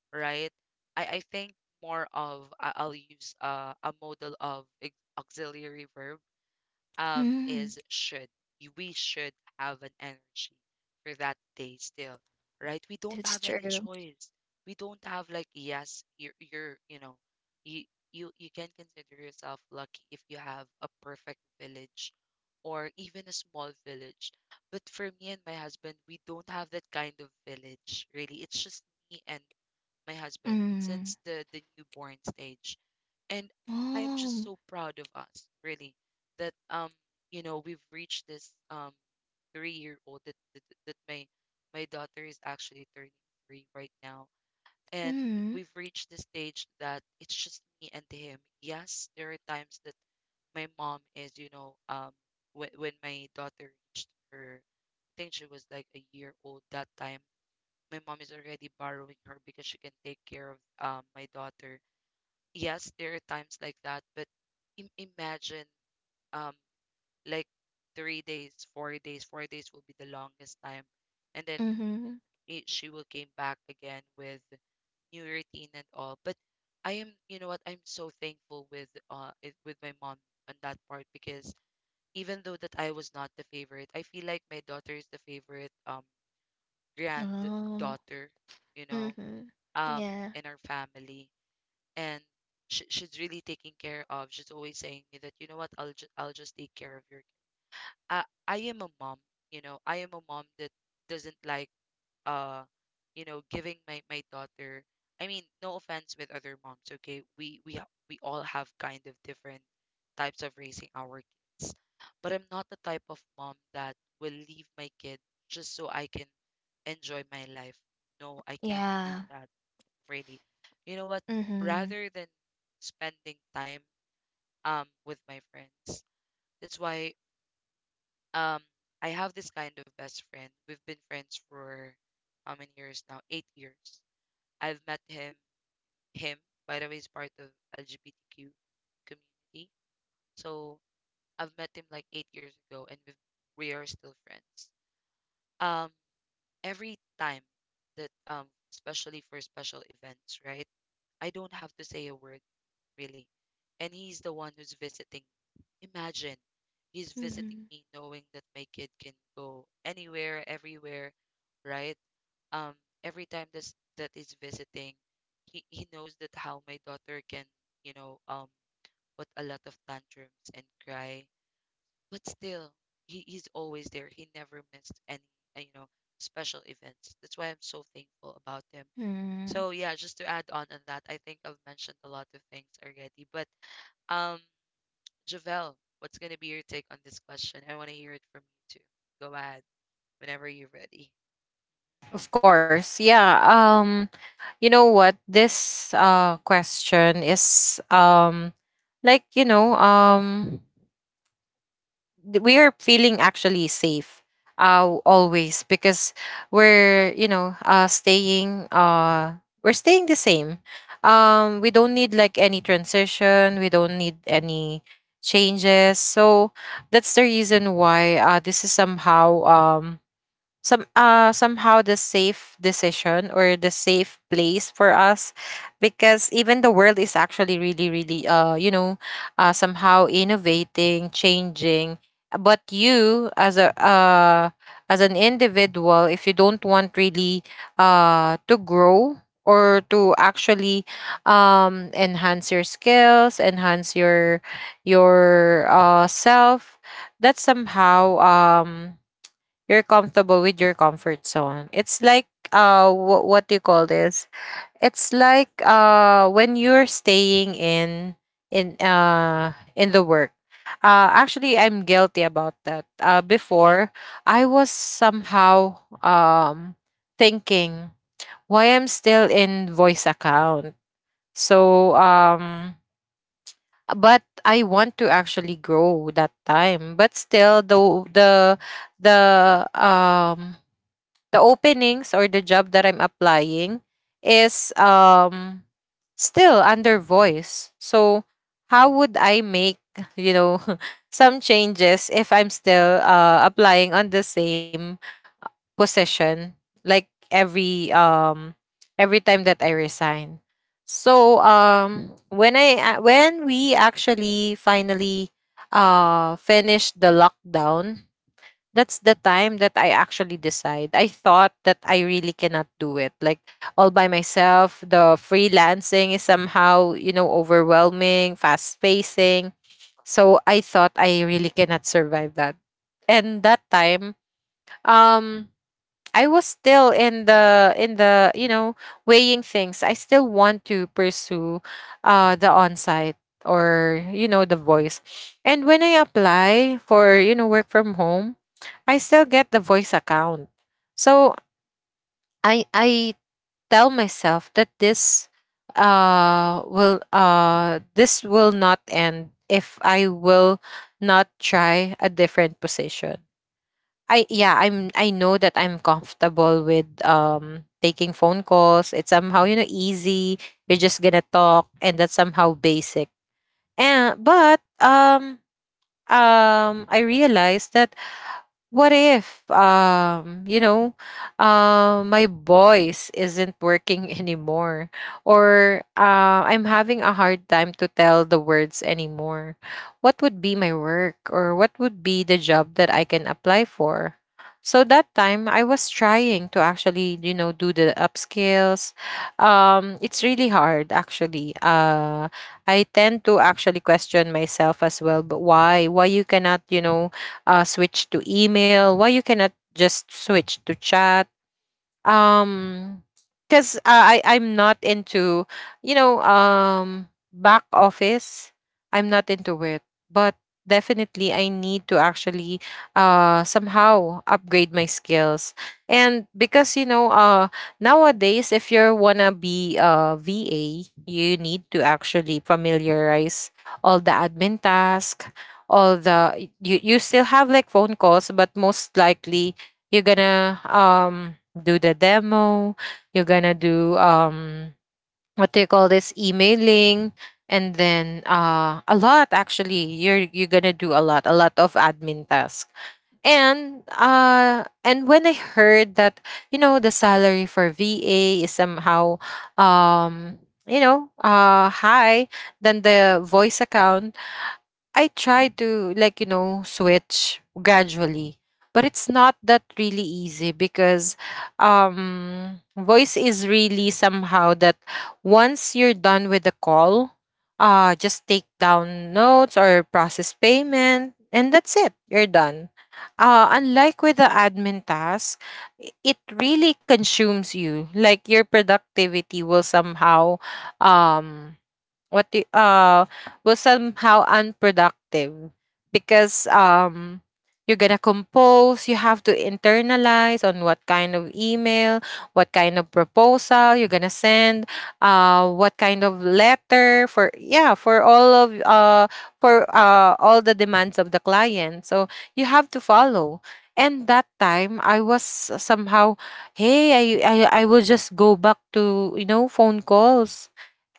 right? I think more of, I'll use a model of auxiliary verb, um, Mm, is should. We should have an energy for that day still, right? We don't that's have any true. choice. We don't have like, yes, you're you know, you you you can consider yourself lucky if you have a perfect village or even a small village. But for me and my husband, we don't have that kind of village, really. It's just me and my husband Mm. since the newborn stage. And I am Oh. just so proud of us, really, that you know, we've reached this 3 year old, that, that that my daughter is actually turning three right now. And Mm. we've reached the stage that it's just me and him. Yes, there are times that my mom is, you know, um, when my daughter reached her, I think she was like a year old that time, my mom is already borrowing her because she can take care of my daughter. Yes, there are times like that, but im imagine um like 3 days, 4 days will be the longest time, and then Mhm. She will came back again with new routine and all. But I am, you know what, I'm so thankful with with my mom on that part because even though that I was not the favorite, I feel like my daughter is the favorite Oh. granddaughter, you know Mhm. um Yeah. in our family. And she's really taking care of, she's always saying me that, you know what, I'll just take care of your kid. I am a mom, you know, I am a mom that doesn't like, uh you know, giving my daughter, I mean no offense with other moms. Okay, we all have kind of different types of raising our kids, but I'm not the type of mom that will leave my kid just so I can enjoy my life. No, I can't do Yeah. that really. You know what? Mhm. Rather than spending time with my friends, that's why um I have this kind of best friend. We've been friends for how many years now? 8 years. I've met him. Him, by the way, is part of LGBTQ community. So I've met him like 8 years ago, and we are still friends. Um, every time that especially for special events, right? I don't have to say a word. Really. And he's the one who's visiting. Imagine he's visiting Mhm. me knowing that my kid can go anywhere, everywhere, right? Um, every time this that is visiting, he knows that how my daughter can, you know, put a lot of tantrums and cry. But still, he's always there. He never missed any, you know, special events. That's why I'm so thankful about him. Mm. So yeah, just to add on that, I think I've mentioned a lot of things already, but um Javel, what's going to be your take on this question? I want to hear it from you too. Go ahead whenever you're ready. Of course, yeah. You know what, this question is, like you know um we are feeling actually safe always, because we're, you know, staying we're staying the same. We don't need like any transition, we don't need any changes. So that's the reason why this is somehow somehow the safe decision, or the safe place for us, because even the world is actually really, really, you know, somehow innovating, changing. But you as a as an individual, if you don't want really to grow, or to actually enhance your skills, enhance your self, that's somehow, you're comfortable with your comfort zone. It's like, what do you call this? It's like when you're staying in the work. Actually, I'm guilty about that. Before, I was somehow thinking, why I'm still in voice account. So but I want to actually grow that time. But still, the the um the openings or the job that I'm applying is still under voice. So how would I make, you know, some changes if I'm still applying on the same position, like every time that I resign. So when when we actually finally finished the lockdown, that's the time that I actually decide. I thought that I really cannot do it. Like, all by myself, the freelancing is somehow, you know, overwhelming, fast pacing. So I thought I really cannot survive that. And that time, um I was still in the you know, weighing things. I still want to pursue the on-site, or you know, the voice. And when I apply for, you know, work from home, I still get the voice account. So I tell myself that this will this will not end if I will not try a different position. I Yeah, I know that I'm comfortable with taking phone calls. It's somehow, you know, easy. You're just gonna talk, and that's somehow basic. And but I realized that, what if, my voice isn't working anymore, or I'm having a hard time to tell the words anymore, what would be my work, or what would be the job that I can apply for? So that time, I was trying to actually, you know, do the upscales. It's really hard, actually. I tend to actually question myself as well, but why you cannot, you know, switch to email? Why you cannot just switch to chat? um because I'm not into back office. I'm not into it, but definitely I need to actually somehow upgrade my skills. And because nowadays if you wanna be a va, you need to actually familiarize all the True, admin task. All the you still have like phone calls, but most likely you're gonna do the demo, you're gonna do what do you call this, emailing. And then a lot, actually you're gonna do a lot, a lot of admin tasks. And when I heard that, you know, the salary for va is somehow, um you know, high than the voice account. I try to, like, you know, switch gradually, but it's not that really easy because voice is really somehow that once you're done with the call, just take down notes or process payment and that's it. You're done. Unlike with the admin task, it really consumes you. Like your productivity will somehow, um what do was somehow unproductive because you're gonna compose, you have to internalize on what kind of email, what kind of proposal you're gonna send, what kind of letter for, yeah, for all of for all the demands of the client. So you have to follow. And that time I was somehow, hey, I will just go back to, you know, phone calls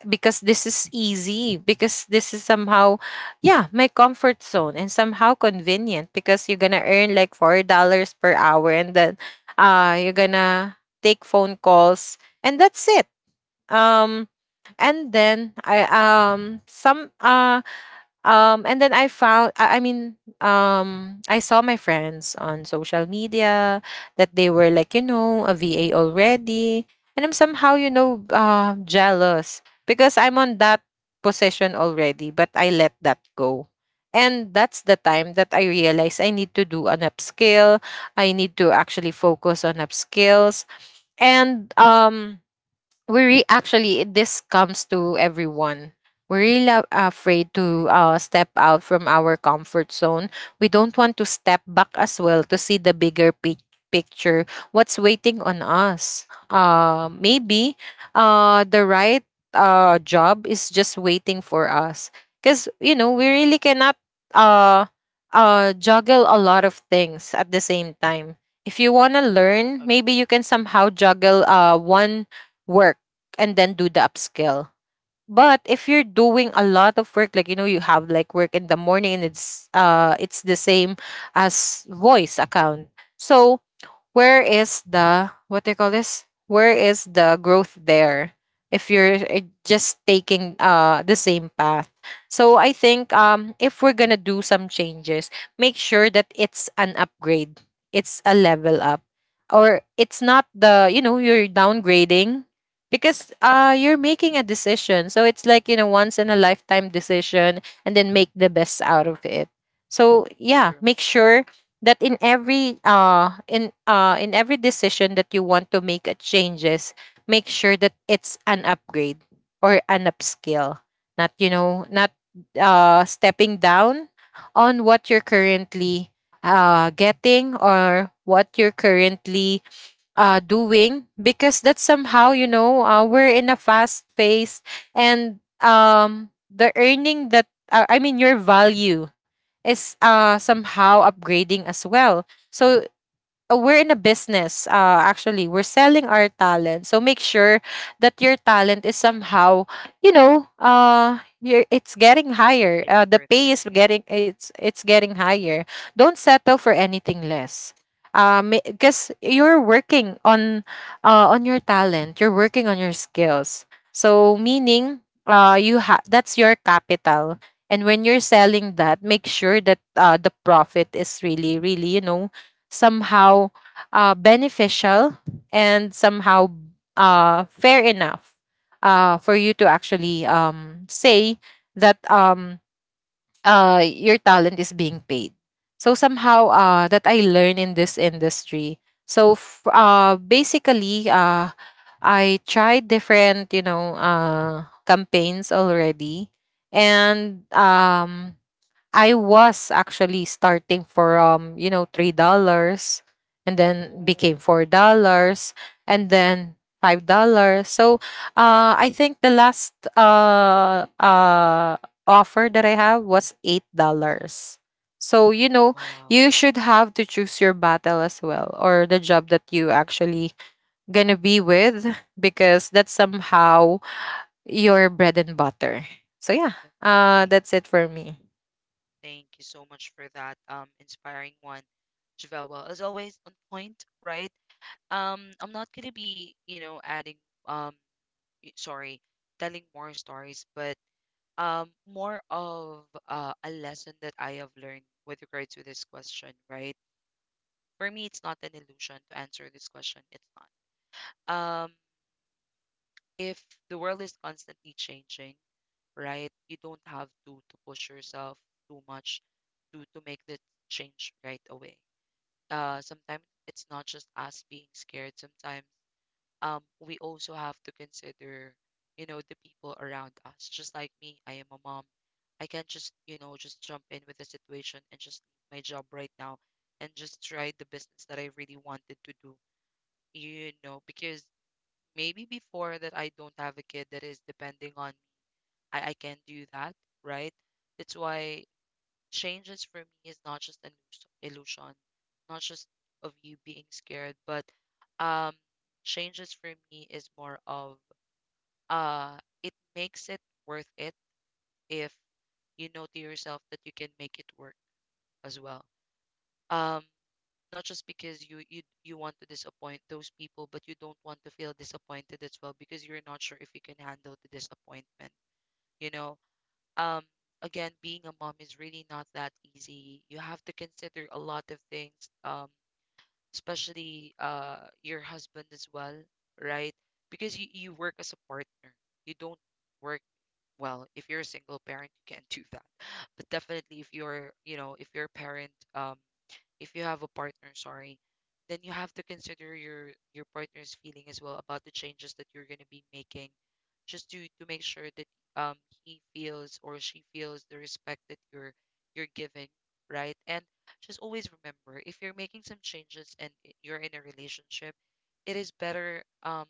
because this is easy, because this is somehow, yeah, my comfort zone, and somehow convenient because you're gonna earn like $4 per hour and then you're gonna take phone calls and that's it. um and then I some and then I found, I saw my friends on social media that they were like, you know, a VA already. And I'm somehow, you know, jealous because I'm on that position already, but I let that go. And that's the time that I realized I need to do an upskill. I need to actually focus on upskills. And um, actually, this comes to everyone. We're really afraid agree, to, step out from our comfort zone. We don't want to step back as well to see the bigger picture, what's waiting on us. Maybe the right job is just waiting for us. Because you know, we really cannot, uh, juggle a lot of things at the same time. If you want to learn, maybe agree, you can somehow juggle, one work, and then do the upskill. But if you're doing a lot of work, like, you know, you have like work in the morning and it's the same as voice account. So where is the, what do you call this, where is the growth there if you're, just taking the same path? So I think, if we're gonna do some changes, make sure that it's an upgrade, it's a level up, or it's not the, you know, you're downgrading. Because you're making a decision, so it's like, you know, once in a lifetime decision, and then make the best out of it. So yeah, true, make sure that in every, in every decision that you want to make a changes, make sure that it's an upgrade or an upskill, not, you know, not stepping down on what you're currently getting, or what you're currently, doing. Because that's somehow, you know, we're in a fast pace, and the earning that, I mean, your value is, somehow upgrading as well. So we're in a agree. business, actually we're selling our talent, so make sure that your talent is somehow, you know, it's getting higher. It's The worth pay it, is yeah. getting, it's getting higher. Don't settle for anything less. Because you're working on, on your talent, you're working on your skills, so meaning, you have, that's your capital. And when you're selling that, make sure that, the profit is really, really, you know, somehow, beneficial, and somehow, fair enough, for you to actually, say that, your talent is being paid. So somehow, that I learn in this industry. So, basically, I tried different, you know, campaigns already, and I was actually starting from, you know, $3, and then became Oh, $4, and then $5. So I think the last offer that I have was $8. So you know, wow, you should have to choose your battle as well, or the job that you actually gonna be with, because that's somehow your bread and butter. So yeah, definitely. that's it for me. Thank you so much for that inspiring one, Javel. Well, as always, on point, right? I'm not gonna be, you know, adding um, y- sorry, telling more stories, but more of a lesson that I have learned with regards to this question, right? For me, it's not an illusion to answer this question. It's not. Um, if the world is constantly changing, right, you don't have to push yourself too much to make the change right away. Sometimes it's not just us being scared. Sometimes we also have to consider, you know, the people around us. Just like me, I am a mom. I can't just, you know, just jump in with the situation and just leave my job right now and just try the business that I really wanted to do, you know, because maybe before that I don't have a kid that is depending on me. I can not do that, right? That's why changes for me is not just an illusion, not just of you being scared, but um changes for me is more of it makes it worth it if you know to yourself that you can make it work as well. Um, not just because you want to disappoint those people, but you don't want to feel disappointed as well because you're not sure if you can handle the disappointment. You know, um, again, being a mom is really not that easy. You have to consider a lot of things, um, especially your husband as well, right? Because you work as a partner. You don't work well if you're a single parent. You can't do that, but definitely if you're, you know, if you're a parent, if you have a partner, sorry, then you have to consider your partner's feeling as well about the changes that you're going to be making, just to make sure that um he feels or she feels the respect that you're giving, right? And just always remember, if you're making some changes and you're in a relationship, it is better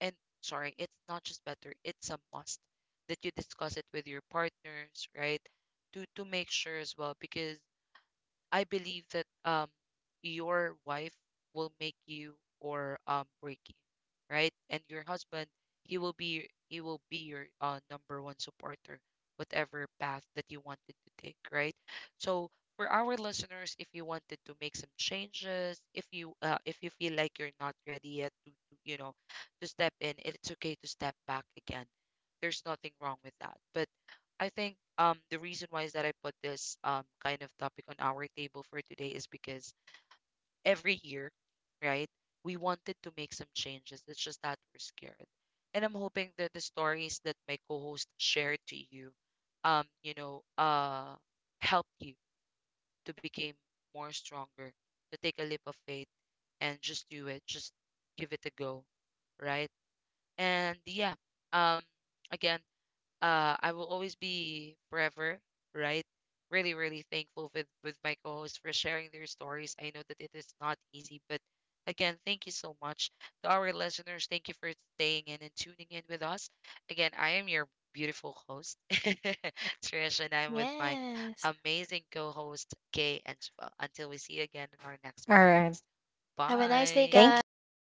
and sorry, it's not just better, it's a must that you discuss it with your partners, right? To to make sure as well because I believe that your wife will make you or break you, right? And your husband, he will be your number one supporter, whatever path that you wanted to take, right? So for our listeners, if you wanted to make some changes, if you feel like you're not ready yet to you know to step in, it's okay to step back again. There's nothing wrong with that, but I think the reason why is that I put this kind of topic on our table for today is because every year, right, we wanted to make some changes. It's just that we're scared. And I'm hoping that the stories that my co-host shared to you, you know, help you to become more stronger, to take a leap of faith and just do it. Just give it a go. Right. And yeah, um again I will always be forever, right? Really, really thankful with my co-hosts for sharing their stories. I know that it is not easy, but again, thank you so much to our listeners. Thank you for staying in and tuning in with us. Again, I am your beautiful host, Trish, and I'm with my Yes. amazing co-host Kay and Javel. Until we see you again in our All next right. podcast. Have a nice day, Thank Bye. guys. Bye. you.